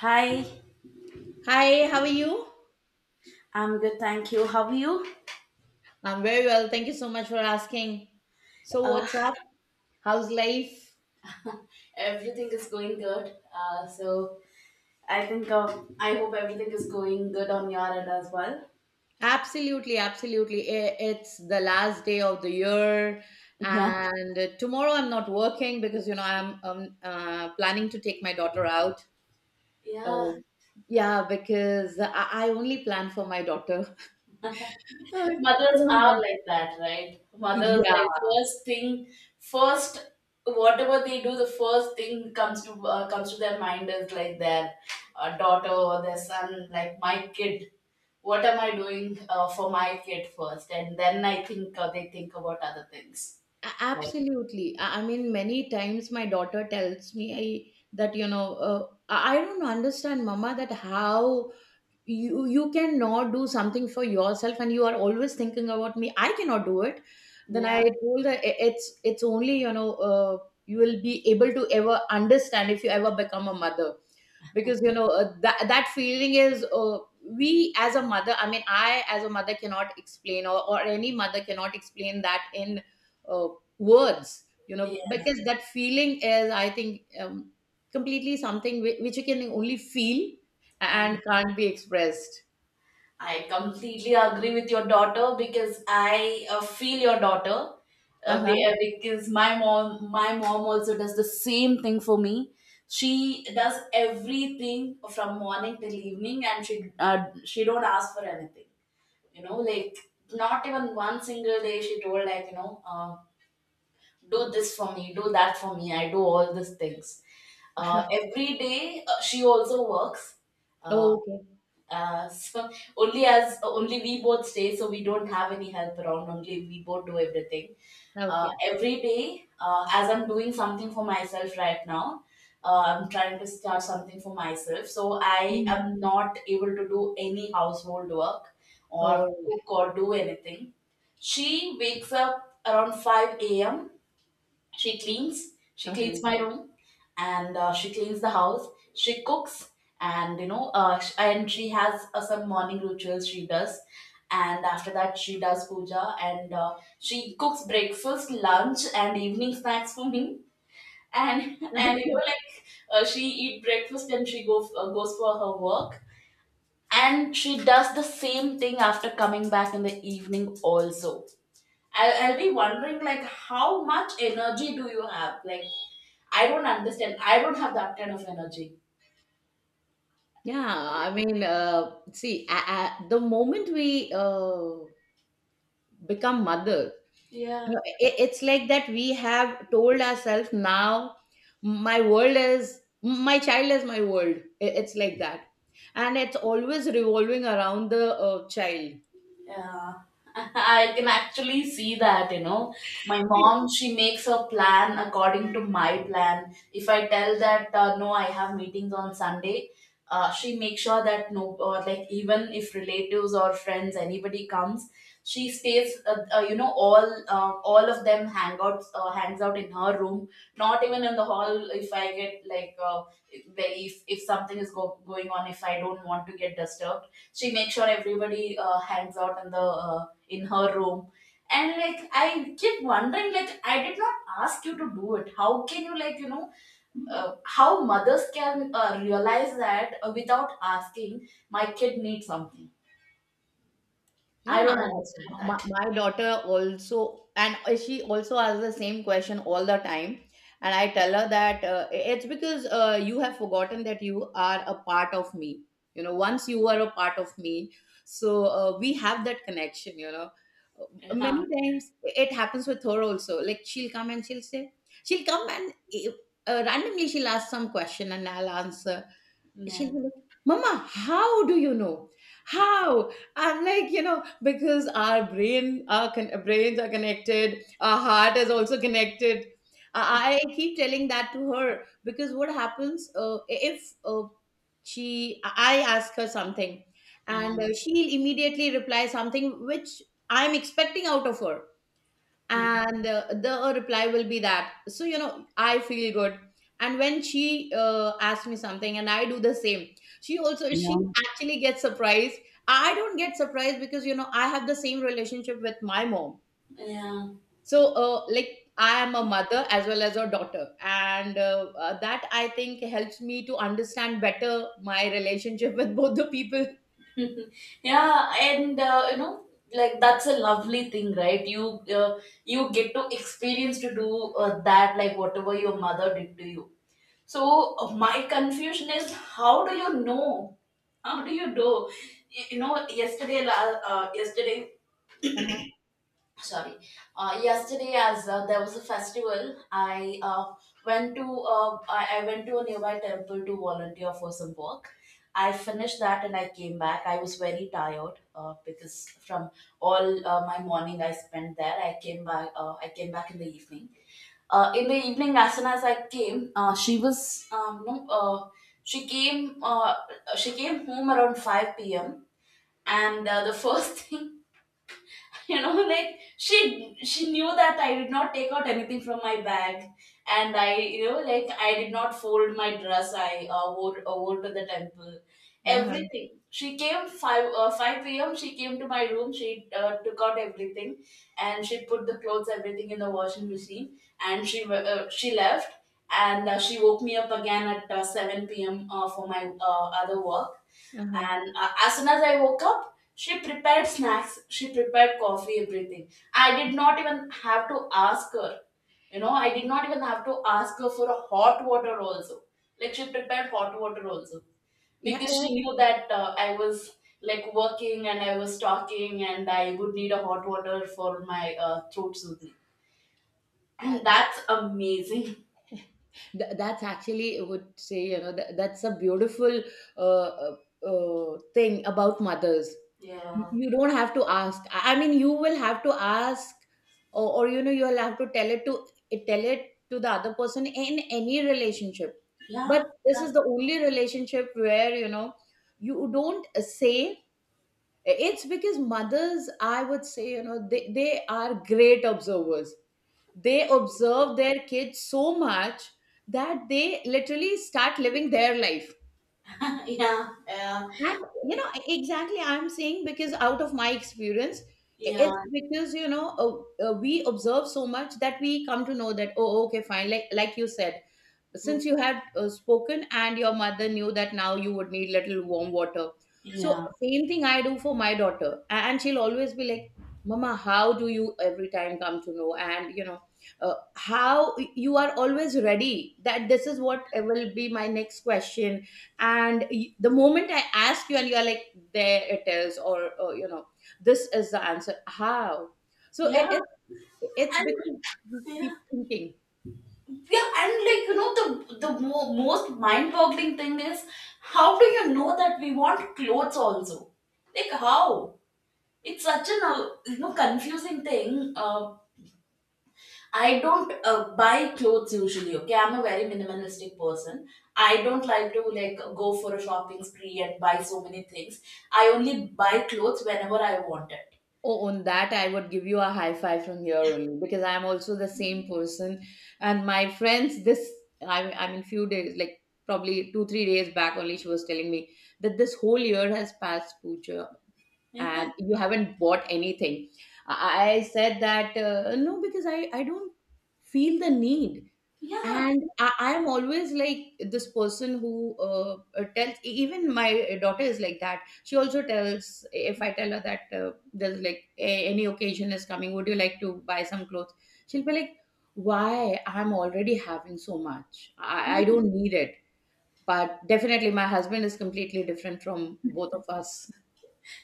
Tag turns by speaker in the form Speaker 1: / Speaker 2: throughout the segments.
Speaker 1: Hi,
Speaker 2: Hi, how are you?
Speaker 1: I'm good, thank you. How are you?
Speaker 2: I'm very well. Thank you so much for asking. So,
Speaker 1: Uh,
Speaker 2: what's up? How's life?
Speaker 1: Everything is going good. So I think, I hope everything is going good on your end as well.
Speaker 2: Absolutely, absolutely. It's the last day of the year,
Speaker 1: Yeah.
Speaker 2: and tomorrow I'm not working because I'm planning to take my daughter out.
Speaker 1: Yeah.
Speaker 2: Oh, yeah, because I only plan for my daughter. Uh, you
Speaker 1: Mothers
Speaker 2: know
Speaker 1: are
Speaker 2: how?
Speaker 1: like that, right? Mothers,
Speaker 2: Yeah,
Speaker 1: like, first thing, first, whatever they do, the first thing comes to comes to their mind is like their daughter or their son, like my kid, what am I doing for my kid first, and then I think they think about other things. Right.
Speaker 2: Absolutely. I mean, many times my daughter tells me that I don't understand, Mama, that how you cannot do something for yourself, and you are always thinking about me. I cannot do it. Then I
Speaker 1: Yeah.
Speaker 2: told her, It's only, you will be able to ever understand if you ever become a mother, because that feeling is, we as a mother, I mean, I as a mother, cannot explain, or any mother cannot explain that in uh, words,
Speaker 1: Yeah.
Speaker 2: because that feeling is, I think, completely something which you can only feel, and
Speaker 1: And.
Speaker 2: can't be expressed."
Speaker 1: I completely agree with your daughter because I feel your daughter uh,
Speaker 2: Uh-huh.
Speaker 1: be- uh, because my mom also does the same thing for me. She does everything from morning till evening, and she don't ask for anything. You know, like not even one single day she told, like, do this for me, do that for me. I do all these things every day. She also works. Uh,
Speaker 2: Oh, okay.
Speaker 1: so only as only we both stay, so we don't have any help around. Only we both do everything.
Speaker 2: Okay.
Speaker 1: Every day, as I'm doing something for myself right now, I'm trying to start something for myself. So I
Speaker 2: Mm.
Speaker 1: am not able to do any household work or
Speaker 2: All right.
Speaker 1: cook or do anything. She wakes up around 5 a.m. She cleans, she cleans
Speaker 2: Uh-huh.
Speaker 1: my room, and she cleans the house, she cooks, and and she has some morning rituals she does, and after that she does puja and she cooks breakfast, lunch, and evening snacks for me. And and you
Speaker 2: Okay.
Speaker 1: know, like, she eat breakfast and she go goes for her work, and she does the same thing after coming back in the evening also. I'll be wondering, like, how much energy do you have? Like, I don't understand. I don't have that kind of energy.
Speaker 2: Yeah, I mean, see, the moment we, become mother, you
Speaker 1: Yeah.
Speaker 2: know, it's like that, we have told ourselves now, my child is my world. It's like that. And it's always revolving around the child.
Speaker 1: Yeah, I can actually see that, you know. My mom, she makes a plan according to my plan. If I tell that, no, I have meetings on Sunday, she makes sure that no, or like even if relatives or friends, anybody comes, she stays, you know, all of them hang out, hangs out in her room, not even in the hall. If I get like, if going on, if I don't want to get disturbed, she makes sure everybody hangs out in the in her room. And like, I keep wondering, like, I did not ask you to do it. How can you, like, you know, how mothers can realize that without asking my kid needs something. I
Speaker 2: Yeah,
Speaker 1: don't understand that.
Speaker 2: my daughter also, and she also asks the same question all the time. And I tell her that, it's because, you have forgotten that you are a part of me. Once you are a part of me, so, we have that connection. Many
Speaker 1: Yeah.
Speaker 2: times it happens with her also. Like, she'll come and she'll say, she'll come and randomly she'll ask some question and I'll answer.
Speaker 1: Yeah.
Speaker 2: She'll be like, "Mama, how do you know? How?" I'm like, because our brains are connected, our heart is also connected. I keep telling that to her, because what happens, if, I ask her something, and,
Speaker 1: Yeah.
Speaker 2: she'll immediately reply something which I'm expecting out of her,
Speaker 1: Hmm.
Speaker 2: and the reply will be that. So, I feel good. And when she, asks me something and I do the same, she
Speaker 1: Yeah.
Speaker 2: actually gets surprised. I don't get surprised, because, I have the same relationship with my mom.
Speaker 1: Yeah.
Speaker 2: So, like, I am a mother as well as a daughter, and that, I think, helps me to understand better my relationship with both the people.
Speaker 1: Mhm. Yeah, and you know, like, that's a lovely thing, right? You uh, you get to experience to do that, like, whatever your mother did to you. So my confusion is, how do you know? How do you know? You know, yesterday,
Speaker 2: Uh-huh.
Speaker 1: sorry, yesterday, as there was a festival, I went to a nearby temple to volunteer for some work. I finished that and I came back. I was very tired because from all my morning I spent there. I came back in the evening. In the evening, as soon as I came, she was no, she came uh, she came home around 5 p.m. And the first thing you know, like, she knew that I did not take out anything from my bag, and I, you know, like, I did not fold my dress I wore to the temple.
Speaker 2: Uh-huh.
Speaker 1: Everything. She came 5 p.m., she came to my room, she took out everything and she put the clothes, everything, in the washing machine, and she she left. And she woke me up again at 7 p.m. For my other work.
Speaker 2: Uh-huh.
Speaker 1: And as soon as I woke up, she prepared snacks, she prepared coffee, everything. I did not even have to ask her. You know, I did not even have to ask her for a hot water also. Like, she prepared hot water also
Speaker 2: Yeah,
Speaker 1: because she knew that I was, like, working and I was talking and I would need a hot water for my throat soothing. And that's amazing.
Speaker 2: yes. That's actually, I would say, that's a beautiful, uh, uh, thing about mothers. You
Speaker 1: Yeah.
Speaker 2: you don't have to ask. I mean, you will have to ask, or you'll have to tell it to the other person in any relationship.
Speaker 1: Yeah.
Speaker 2: But this is the only relationship where, you don't say. It's because mothers, I would say, they are great observers. They observe their kids so much that they literally start living their life.
Speaker 1: Yeah. Yeah.
Speaker 2: And, exactly, I'm saying, because out of my experience,
Speaker 1: Yeah.
Speaker 2: it's because, we observe so much that we come to know that, oh, okay, fine. Like you said, since you had, spoken, and your mother knew that now you would need little warm water. So,
Speaker 1: Yeah.
Speaker 2: same thing I do for my daughter. And she'll always be like, "Mama, how do you every time come to know? And how you are always ready, that this is what, will be my next question? And the moment I ask you, and you are like, there it is." Or this is the answer. How? So
Speaker 1: Yeah.
Speaker 2: it's
Speaker 1: And
Speaker 2: because you keep
Speaker 1: yeah,
Speaker 2: thinking.
Speaker 1: yeah, and like, you know, the most mind-boggling thing is, how do you know that we want clothes also? Like, how? It's such an you know, confusing thing. I don't buy clothes usually. Okay, I'm a very minimalistic person. I don't like to, like, go for a shopping spree and buy so many things. I only buy clothes whenever I want it.
Speaker 2: Oh, on that, I would give you a high five from here only, because I'm also the same person. And my friends, I mean, few days, like probably 2, 3 days back only, she was telling me that this whole year has passed, Pooja, and you haven't bought anything. I said that, no, because I don't feel the need.
Speaker 1: Yeah.
Speaker 2: And I'm always like this person who, tells, even my daughter is like that. She also tells, if I tell her that, there's like any occasion is coming, would you like to buy some clothes? She'll be like, why? I'm already having so much. I don't need it. But definitely my husband is completely different from both of us.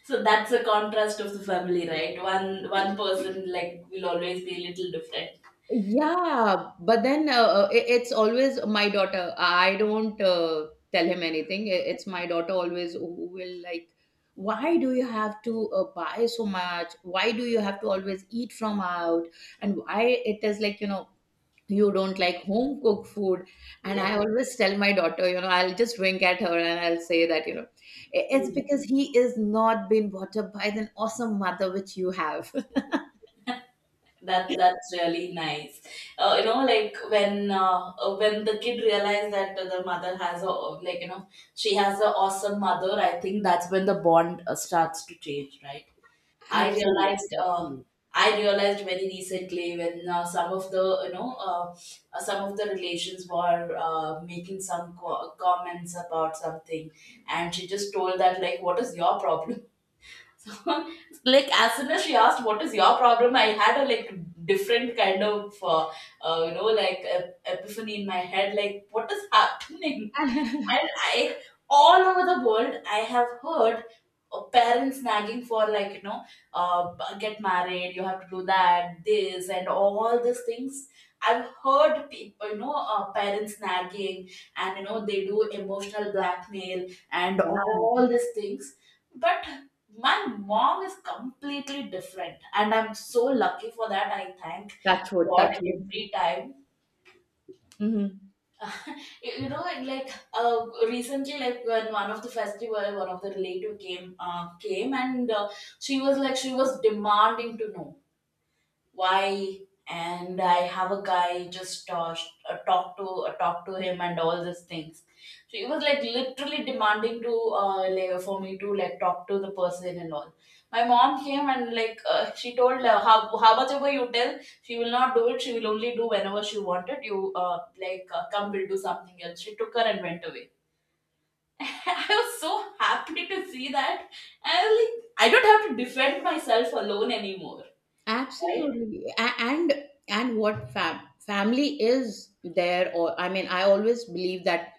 Speaker 1: So that's the contrast of the family, right? One person, like, will always be a little different.
Speaker 2: Yeah, but then, it's always my daughter. I don't, tell him anything. It's my daughter always who will like, why do you have to, buy so much? Why do you have to always eat from out? And why it is like, you don't like home cooked food. And
Speaker 1: Yeah.
Speaker 2: I always tell my daughter, I'll just wink at her and I'll say that, it's
Speaker 1: Mm.
Speaker 2: because he is not being brought up by the awesome mother which you have.
Speaker 1: That, that's really nice. You know, like, when the kid realized that the mother has a, like, you know, she has an awesome mother. I think that's when the bond starts to change, right? I realized uh, I realized very recently when some of the some of the relations were making some comments about something, and she just told that like, "What is your problem?" So, like as soon as she asked, "What is your problem?" I had a like different kind of you know, like, epiphany in my head, like, "What is happening?"
Speaker 2: Absolutely.
Speaker 1: And I, all over the world, I have heard parents nagging for like, you know, get married, you have to do that, this, and all these things. I've heard people, you know, parents nagging, and you know, they do emotional blackmail and all these things. But my mom is completely different, and I'm so lucky for that. I thank
Speaker 2: Touch wood,
Speaker 1: God
Speaker 2: touch wood.
Speaker 1: every time.
Speaker 2: Hmm.
Speaker 1: You know, and like, uh, recently, like, when one of the festival, one of the relative came came and she was like, she was demanding to know why, and I have a guy just talk to him and all these things. So he was like literally demanding to like, for me to like talk to the person and all. My mom came and like she told how much ever you tell, she will not do it, she will only do whenever she wanted. You like come, we'll do something else. She took her and went away. I was so happy to see that. I was like, I don't have to defend myself alone anymore. Right.
Speaker 2: Absolutely. And what family is there? Or, I mean, I always believe that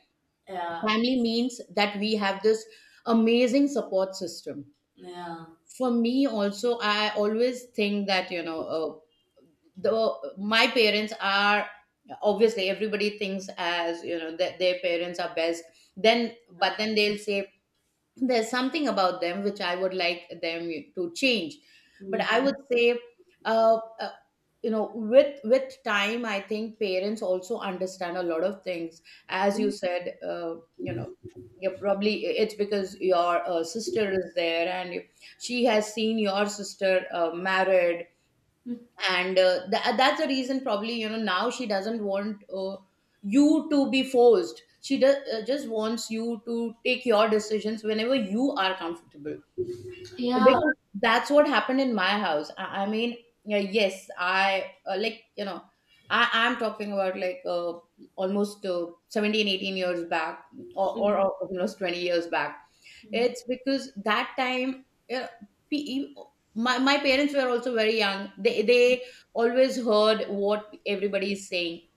Speaker 1: Yeah.
Speaker 2: family means that we have this amazing support system.
Speaker 1: Yeah.
Speaker 2: For me also, I always think that, the my parents are, obviously everybody thinks, as that their parents are best. Then
Speaker 1: Yeah.
Speaker 2: But then they'll say there's something about them which I would like them to change. But I
Speaker 1: Yeah.
Speaker 2: would say, uh, uh, with time, I think parents also understand a lot of things. As you said, you're probably, it's because your, sister is there, and she has seen your sister, married, and that's the reason, probably, now she doesn't want, you to be forced. She just wants you to take your decisions whenever you are comfortable,
Speaker 1: Yeah.
Speaker 2: because that's what happened in my house. I mean, yeah, yes. I Like, I'm talking about like, almost, uh, 17 18 years back, or almost 20 years back. It's because that time, uh, pe- my parents were also very young. They always heard what everybody is saying.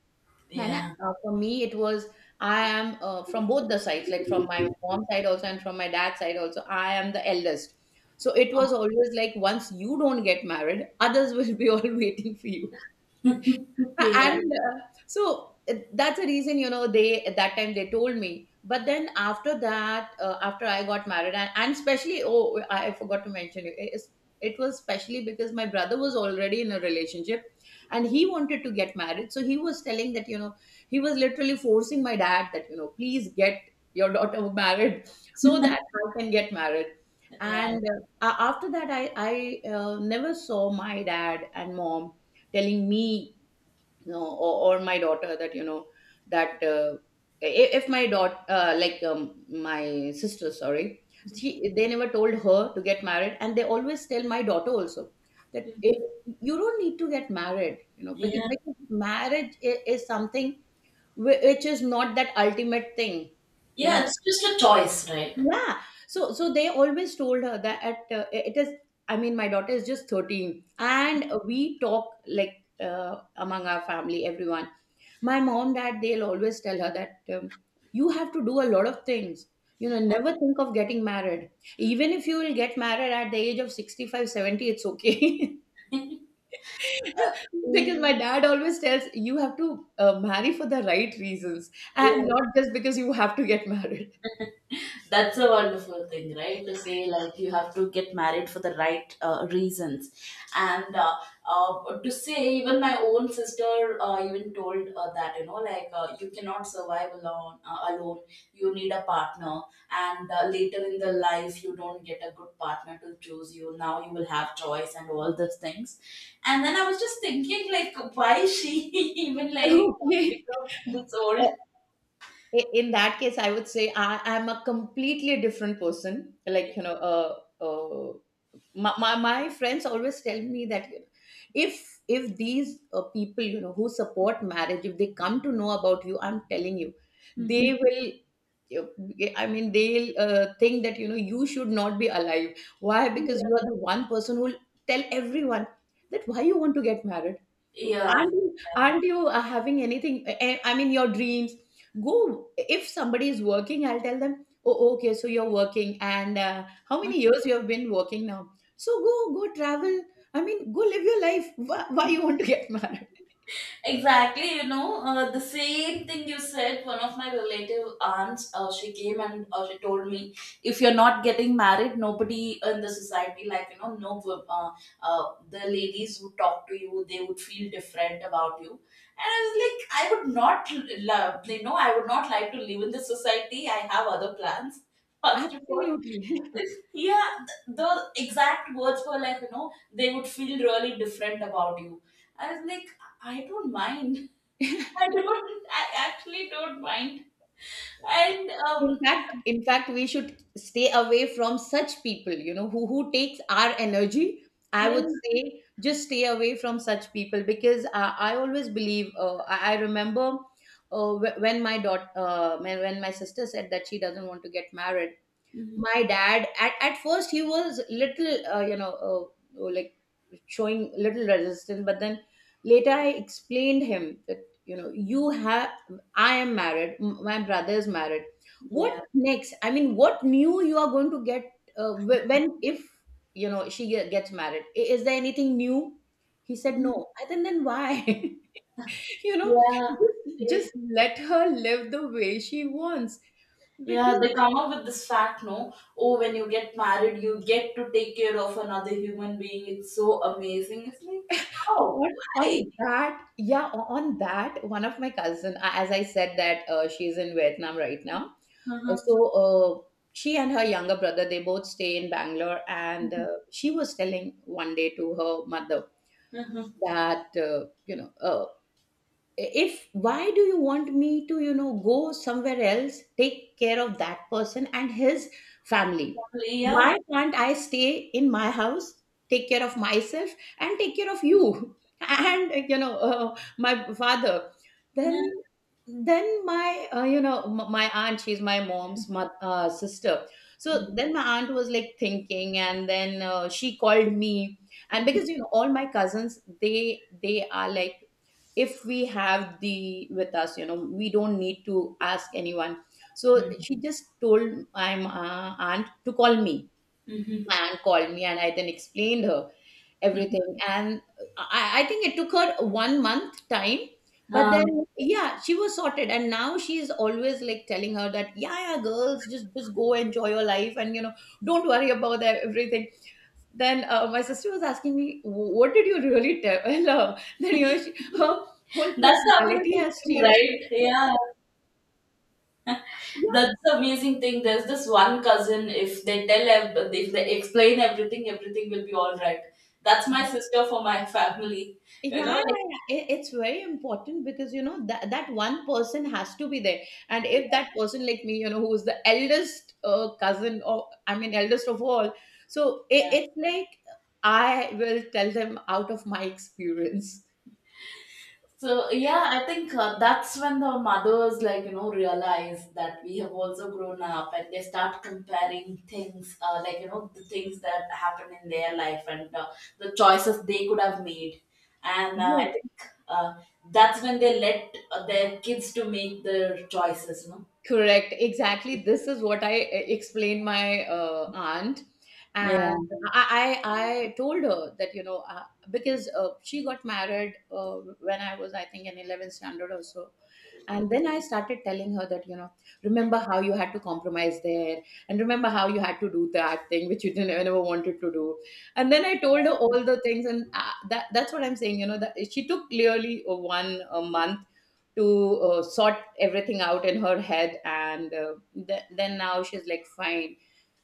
Speaker 2: And, for me, it was, I am, from both the sides, like from my mom side also and from my dad's side also. I am the eldest. So, it was always like, once you don't get married, others will be all waiting for you.
Speaker 1: Yeah. Yeah.
Speaker 2: And, so, that's the reason, they, at that time, they told me. But then, after that, after I got married, and especially oh, I forgot to mention It was especially because my brother was already in a relationship, and he wanted to get married, so he was telling that, he was literally forcing my dad that, please get your daughter married, so that I can get married. And, after that, I never saw my dad and mom telling me, or my daughter, that, that, if my daughter, like, my sister sorry she they never told her to get married, and they always tell my daughter also that, I you don't need to get married, because,
Speaker 1: Yeah.
Speaker 2: marriage is something which is not that ultimate thing, you know
Speaker 1: Yeah. It's just a choice, right?
Speaker 2: yeah. So they always told her that, at, it is I mean, my daughter is just 13, and we talk, like, among our family, everyone my mom that they'll always tell her that, you have to do a lot of things, never think of getting married. Even if you will get married at the age of 65, 70, it's okay.
Speaker 1: Yeah.
Speaker 2: Because my dad always tells, you have to, marry for the right reasons, and
Speaker 1: Yeah.
Speaker 2: not just because you have to get married.
Speaker 1: That's a wonderful thing, right? To say, like, you have to get married for the right reasons, and to say, even my own sister even told that, you know, like, you cannot survive alone. Alone, you need a partner, and later in the life you don't get a good partner to choose you. Now you will have choice and all those things, and then I was just thinking, like, why she even like
Speaker 2: Okay.
Speaker 1: become this old?
Speaker 2: In that case, I would say, I am a completely different person. Like, uh, my friends always tell me that, if these, people, who support marriage, if they come to know about you, I'm telling you, they will you, I mean, they'll, think that, you should not be alive. Why? Because you
Speaker 1: Yeah.
Speaker 2: are the one person who will tell everyone that why you want to get married.
Speaker 1: Yeah.
Speaker 2: aren't you,
Speaker 1: Yeah.
Speaker 2: aren't you having anything, I mean, your dreams? Go, if somebody is working, I'll tell them, oh, okay, so you're working, and how many years you have been working now. So go travel, I mean, go live your life. Why you want to get married?
Speaker 1: Exactly, you know, the same thing you said. One of my relative aunts, she came and she told me, if you're not getting married, nobody in the society, like, you know, no, uh, the ladies would talk to you. They would feel different about you. And I was like, I would not love, you know, I would not like to live in this society. I have other plans. First of all,
Speaker 2: Absolutely.
Speaker 1: yeah, the exact words were like, you know, they would feel really different about you. I was like, I don't mind. I don't. I actually don't mind. And
Speaker 2: In fact, we should stay away from such people, you know, who takes our energy. I would
Speaker 1: in,
Speaker 2: say just stay away from such people because I always believe, I remember when my sister said that she doesn't want to get married.
Speaker 1: mhm,
Speaker 2: My dad, at first, he was little, like showing little resistance, but then later I explained him that you know you have, I am married, my brother is married, what
Speaker 1: yeah,
Speaker 2: next, I mean what new you are going to get when if she gets married, is there anything new? He said
Speaker 1: mhm,
Speaker 2: no, I think then why? you know
Speaker 1: yeah,
Speaker 2: just,
Speaker 1: eh,
Speaker 2: just let her live the way she wants,
Speaker 1: yeah.
Speaker 2: because
Speaker 1: They come up with this fact, no? Oh, when you get married, you get to take care of another human being. It's so amazing. It's like, how?
Speaker 2: on,
Speaker 1: Why?
Speaker 2: on that, yeah, on that, one of my cousin, as I said that, she's in Vietnam right now. Uh,
Speaker 1: Uh-huh.
Speaker 2: so uh, she and her younger brother they both stay in Bangalore, and she was telling one day to her mother
Speaker 1: Uh-huh.
Speaker 2: that if why do you want me to go somewhere else, take care of that person and his family?
Speaker 1: Probably, yeah.
Speaker 2: Why can't I stay in my house, take care of myself, and take care of you? And my father,
Speaker 1: Yeah.
Speaker 2: then then my, my aunt, she's my mom's sister. So
Speaker 1: Mhm.
Speaker 2: then my aunt was like thinking, and then she called me. And
Speaker 1: Mhm.
Speaker 2: because you know all my cousins, they are like, if we have the with us, we don't need to ask anyone. So
Speaker 1: Mhm.
Speaker 2: she just told my aunt to call me.
Speaker 1: Mhm.
Speaker 2: My aunt called me, and I then explained her
Speaker 1: Mhm.
Speaker 2: everything, and I think it took her one month time, but
Speaker 1: Um,
Speaker 2: then yeah, she was sorted, and now she's always like telling her that yeah, yeah, girls, just go enjoy your life, and don't worry about that everything. Then my sister was asking me, What did you really tell her that her whole
Speaker 1: that's
Speaker 2: personality
Speaker 1: amazing
Speaker 2: has
Speaker 1: thing,
Speaker 2: changed?"
Speaker 1: right? Yeah.
Speaker 2: Yeah,
Speaker 1: That's the amazing thing. There's this one cousin. If they tell, if they explain everything, everything will be all right. That's my sister for my family.
Speaker 2: yeah, yeah,
Speaker 1: Like,
Speaker 2: yeah. It's very important because you know that that one person has to be there, and if that person like me, who is the eldest cousin, or I mean eldest of all, so it's like I will tell them out of my experience.
Speaker 1: so yeah, I think that's when the mothers like realize that we have also grown up, and they start comparing things, the things that happen in their life and the choices they could have made. And
Speaker 2: Yes.
Speaker 1: I think uh, that's when they let their kids to make their choices.
Speaker 2: Correct. Exactly. This is what I explained my aunt,
Speaker 1: Yeah.
Speaker 2: and I, I I told her that because she got married when I was, I think, in 11th standard or so, and then I started telling her that remember how you had to compromise there, and remember how you had to do that thing which you didn't never wanted to do, and then I told her all the things, and that's what I'm saying. You know that she took clearly one month to sort everything out in her head, and then now she's like fine.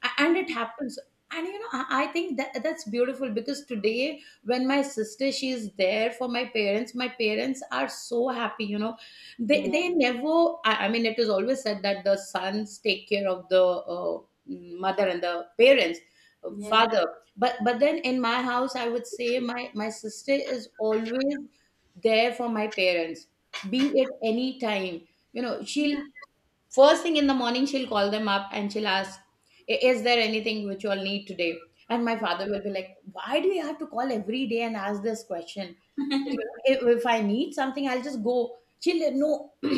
Speaker 2: And it happens, and I think that that's beautiful because today when my sister she's there for my parents, my parents are so happy. they
Speaker 1: Yeah,
Speaker 2: they never, I mean, it is always said that the sons take care of the mother and the parents,
Speaker 1: yeah,
Speaker 2: father, but then in my house I would say my sister is always there for my parents, be at any time,
Speaker 1: yeah.
Speaker 2: she'll. First thing in the morning, she'll call them up, and she'll ask, Is there anything which you all need today? And my father will be like, why do you have to call every day and ask this question? If I need something, I'll just go." She'll like, no,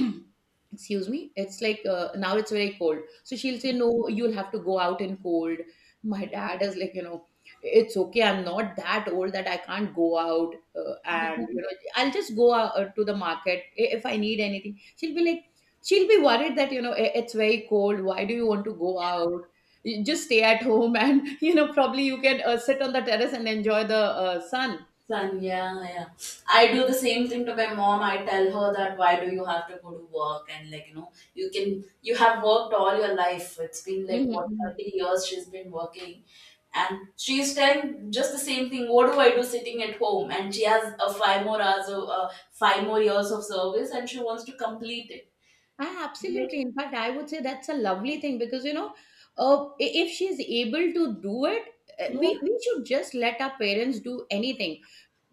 Speaker 2: excuse me, it's like, now it's very cold. So she'll say, no, you'll have to go out in cold. My dad is like, It's okay, I'm not that old that I can't go out. And, I'll just go to the market if I need anything. She'll be worried that it's very cold, why do you want to go out? You just stay at home and probably you can sit on the terrace and enjoy the sun.
Speaker 1: Son, yeah, yeah. I do the same thing to my mom. I tell her that why do you have to go to work and like you have worked all your life. It's been like what
Speaker 2: Mm-hmm.
Speaker 1: 30 years she's been working, and she's telling just the same thing. What do I do sitting at home? And she has a five more hours of five more years of service, and she wants to complete it.
Speaker 2: Ah,
Speaker 1: Like,
Speaker 2: absolutely. In fact, I would say that's a lovely thing because you know, uh, i- if she's able to do it,
Speaker 1: yeah,
Speaker 2: we should just let our parents do anything.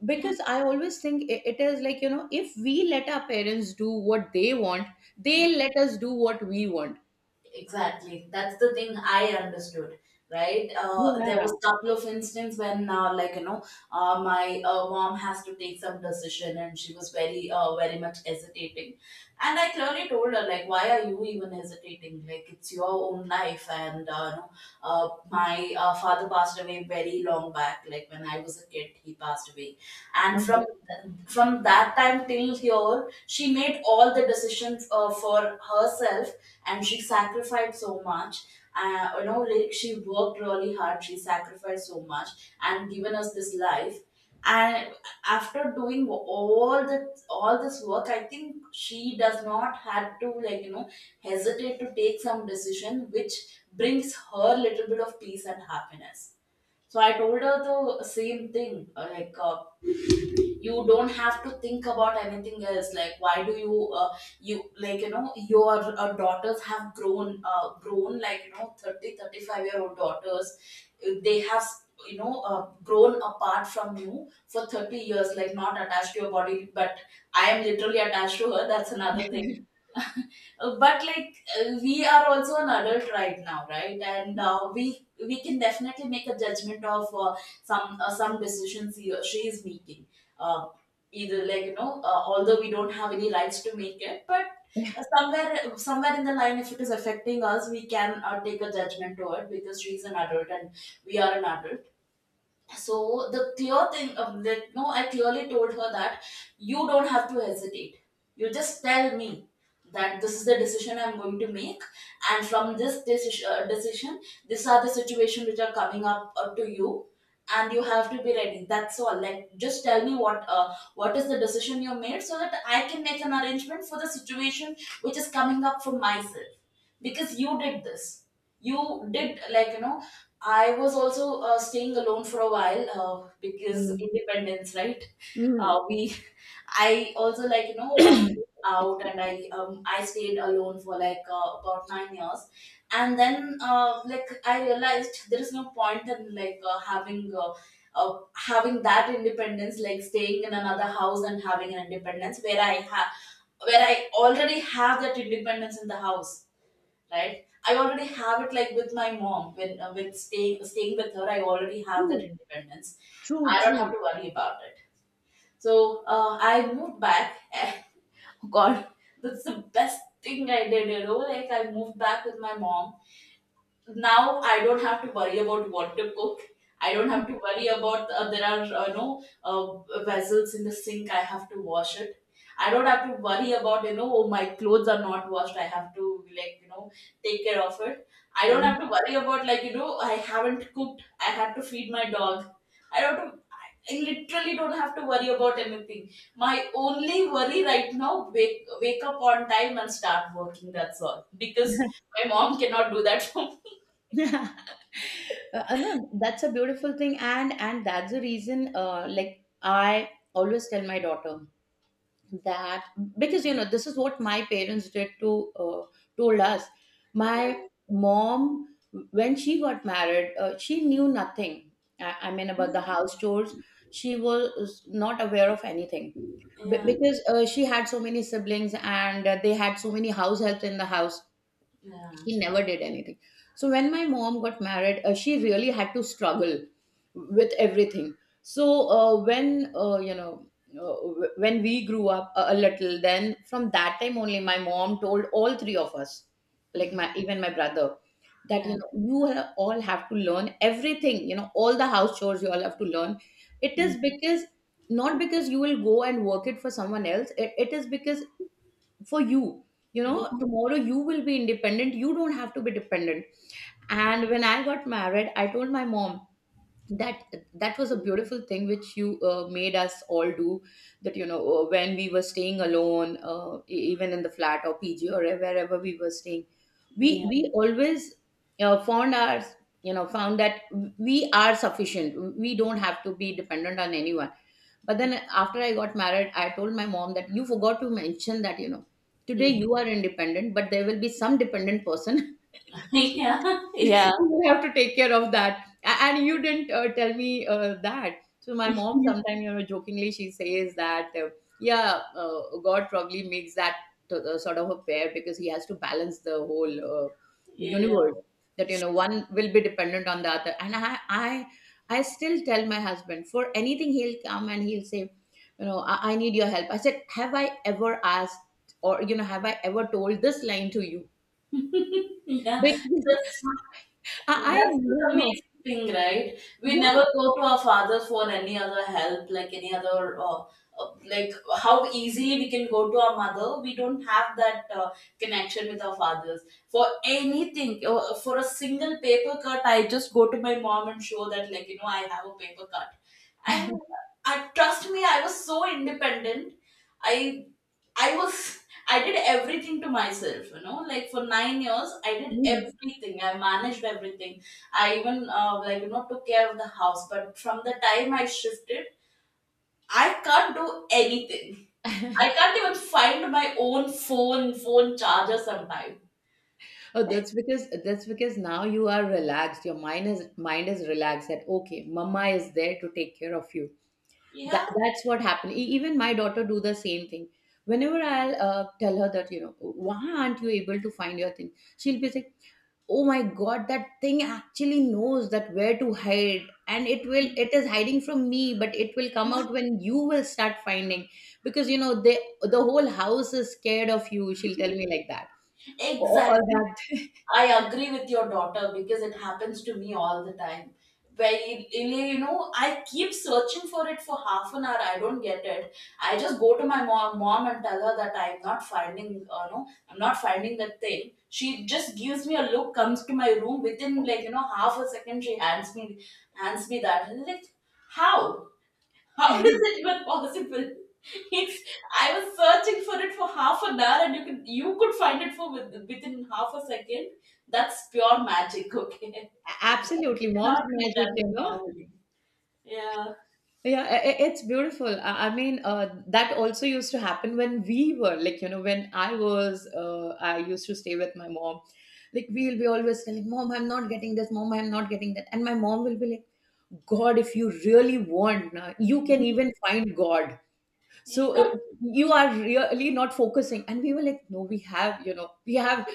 Speaker 1: yeah.
Speaker 2: Because I always think it is like, if we let our parents do what they want, they will let us do what we want.
Speaker 1: Exactly. That's the thing I understood, right? There
Speaker 2: Yeah.
Speaker 1: was a couple of instances when, like, my mom has to take some decision and she was very, very much hesitating. And I clearly told her, like, why are you even hesitating? Like, it's your own life. And my father passed away very long back. Like, when I was a kid, he passed away. And
Speaker 2: Uh-huh.
Speaker 1: from that time till here, she made all the decisions for herself and she sacrificed so much. Like she worked really hard. She sacrificed so much and given us this life. And after doing all this work, I think she does not have to hesitate to take some decision which brings her little bit of peace and happiness. So I told her the same thing. Like you don't have to think about anything else like why do you like your daughters have grown 30 five-year-old daughters they have grown apart from you for 30 years, like not attached to your body, but I am literally attached to her. That's another thing. But like we are also an adult right now, right? And we can definitely make a judgment of some decisions he or she is making, uh, either although we don't have any rights to make it, but somewhere in the line, if it is affecting us, we can take a judgment to it because she is an adult and we are an adult. So the clear thing of that, no, I clearly told her that you don't have to hesitate. You just tell me that this is the decision I'm going to make, and from this decision, these are the situations which are coming up to you, and you have to be ready. That's all. Like, just tell me what is the decision you made, so that I can make an arrangement for the situation which is coming up for myself. Because you did this, you did I was also staying alone for a while because
Speaker 2: Mhm.
Speaker 1: independence, right?
Speaker 2: Mhm.
Speaker 1: Uh, we, I also moved out and I stayed alone for like about 9 years, and then like I realized there is no point in like having that independence, like staying in another house and having an independence where I already have that independence in the house, right? I already have it like with my mom when with staying with her. I already have that
Speaker 2: True,
Speaker 1: independence.
Speaker 2: true,
Speaker 1: I don't have
Speaker 2: true.
Speaker 1: to worry about it. So I moved back. God, that's the best thing I did. Like I moved back with my mom. Now I don't have to worry about what to cook. I don't have to worry about there are no vessels in the sink. I have to wash it. I don't have to worry about oh, my clothes are not washed. I have to take care of it. I don't
Speaker 2: Mm.
Speaker 1: have to worry about I haven't cooked. I have to feed my dog. I don't. have- I literally don't have to worry about anything. My only worry right now, wake up on time and start working. That's all because my mom cannot do that for me.
Speaker 2: No, that's a beautiful thing, and that's the reason. Like I always tell my daughter that, because this is what my parents did to, told us.
Speaker 1: Yeah,
Speaker 2: My mom, when she got married, she knew nothing. I mean about the house chores. She was not aware of anything Be-
Speaker 1: yeah,
Speaker 2: because she had so many siblings, and they had so many house helps in the house.
Speaker 1: yeah,
Speaker 2: He never did anything. So when my mom got married, she really had to struggle with everything. So when you know w- when we grew up a little, then from that time only my mom told all three of us, like my, even my brother, that
Speaker 1: yeah,
Speaker 2: you all have to learn everything, all the house chores you all have to learn. It
Speaker 1: mm,
Speaker 2: is because not because you will go and work it for someone else, it is because for you, you
Speaker 1: yeah,
Speaker 2: know tomorrow you will be independent, you don't have to be dependent. And when I got married, I told my mom that that was a beautiful thing which you made us all do, that when we were staying alone, even in the flat or PG or wherever we were staying, we
Speaker 1: yeah,
Speaker 2: we always found our you know found that we are sufficient, we don't have to be dependent on anyone. But then after I got married, I told my mom that you forgot to mention that, today
Speaker 1: mm,
Speaker 2: you are independent, but there will be some dependent person.
Speaker 1: yeah, yeah.
Speaker 2: You will have to take care of that. And you didn't tell me that. So my mom sometimes, jokingly she says that, yeah, God probably makes that sort of a pair because he has to balance the whole
Speaker 1: Yeah,
Speaker 2: universe. That, one will be dependent on the other. And I still tell my husband, for anything he'll come and he'll say, you know, I need your help. I said, have I ever asked, have I ever told this line to you?
Speaker 1: yeah.
Speaker 2: Because
Speaker 1: That's
Speaker 2: I
Speaker 1: That's the
Speaker 2: never.
Speaker 1: amazing thing, right? We never
Speaker 2: Yeah.
Speaker 1: go to our fathers for any other help, like any other, like how easily we can go to our mother. We don't have that connection with our fathers for anything. For a single paper cut, I just go to my mom and show that, I have a paper cut, and I trust me, I was so independent. I I was. I did everything to myself, like for 9 years, I did
Speaker 2: Mhm.
Speaker 1: everything. I managed everything. I even, like, took care of the house. But from the time I shifted, I can't do anything. I can't even find my own phone charger sometimes.
Speaker 2: Oh, that's because now you are relaxed. Your mind is relaxed that okay, mama is there to take care of you. That
Speaker 1: Yeah.
Speaker 2: that's what happened. Even my daughter do the same thing. Whenever I'll tell her that why aren't you able to find your thing, she'll be like, oh my god, that thing actually knows that where to hide, and it is hiding from me, but it will come out when you will start finding, because the whole house is scared of you. She'll tell me like that. All
Speaker 1: Exactly.
Speaker 2: that.
Speaker 1: I agree with your daughter because it happens to me all the time. Really, I keep searching for it for half an hour. I don't get it. I just go to my mom and tell her that I'm not finding, no, I'm not finding that thing. She just gives me a look, comes to my room within half a second. Hands me that. I'm like, how? How is it even possible? It's I was searching for it for half an hour, and you could find it within half a second. That's pure magic, okay? That
Speaker 2: Absolutely, mom's
Speaker 1: cannot be
Speaker 2: magic,
Speaker 1: done
Speaker 2: you know.
Speaker 1: normally. Yeah.
Speaker 2: Yeah, it's beautiful. I mean, that also used to happen when we were I used to stay with my mom. Like we'll be always telling mom, I'm not getting this, mom, I'm not getting that, and my mom will be like, God, if you really want, na, you can even find God. So you are really not focusing. And we were like, no, we have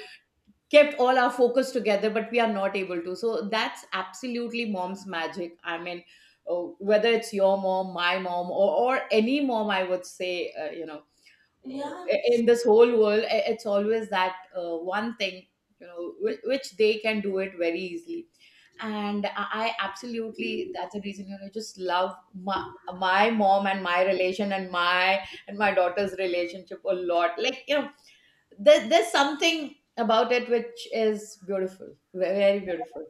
Speaker 2: kept all our focus together, but we are not able to, so that's absolutely mom's magic. I mean, uh, whether it's your mom, my mom, or any mom, I would say uh,
Speaker 1: Yeah.
Speaker 2: in this whole world it's always that, one thing, which they can do it very easily. And I absolutely, that's the reason, just love my, my mom and my relation and my daughter's relationship a lot, like there's something about it which is beautiful, very beautiful.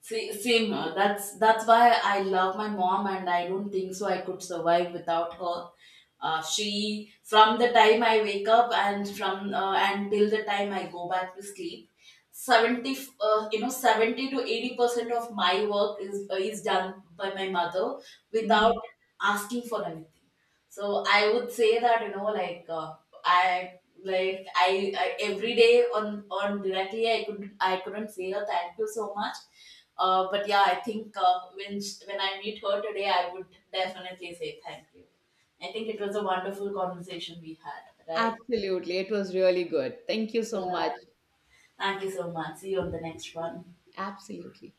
Speaker 1: See, same. That's why I love my mom, and I don't think so I could survive without her. She, from the time I wake up and from until the time I go back to sleep, seventy you know 70 to 80% of my work is done by my mother without
Speaker 2: Mhm.
Speaker 1: asking for anything. So I would say that like I every day, on directly, I couldn't say her thank you so much. But yeah, I think when I meet her today, I would definitely say thank you. I think it was a wonderful conversation we had, right?
Speaker 2: Absolutely, it was really good, thank you so
Speaker 1: Yeah.
Speaker 2: much.
Speaker 1: Thank you so much. See you on the next one.
Speaker 2: Absolutely.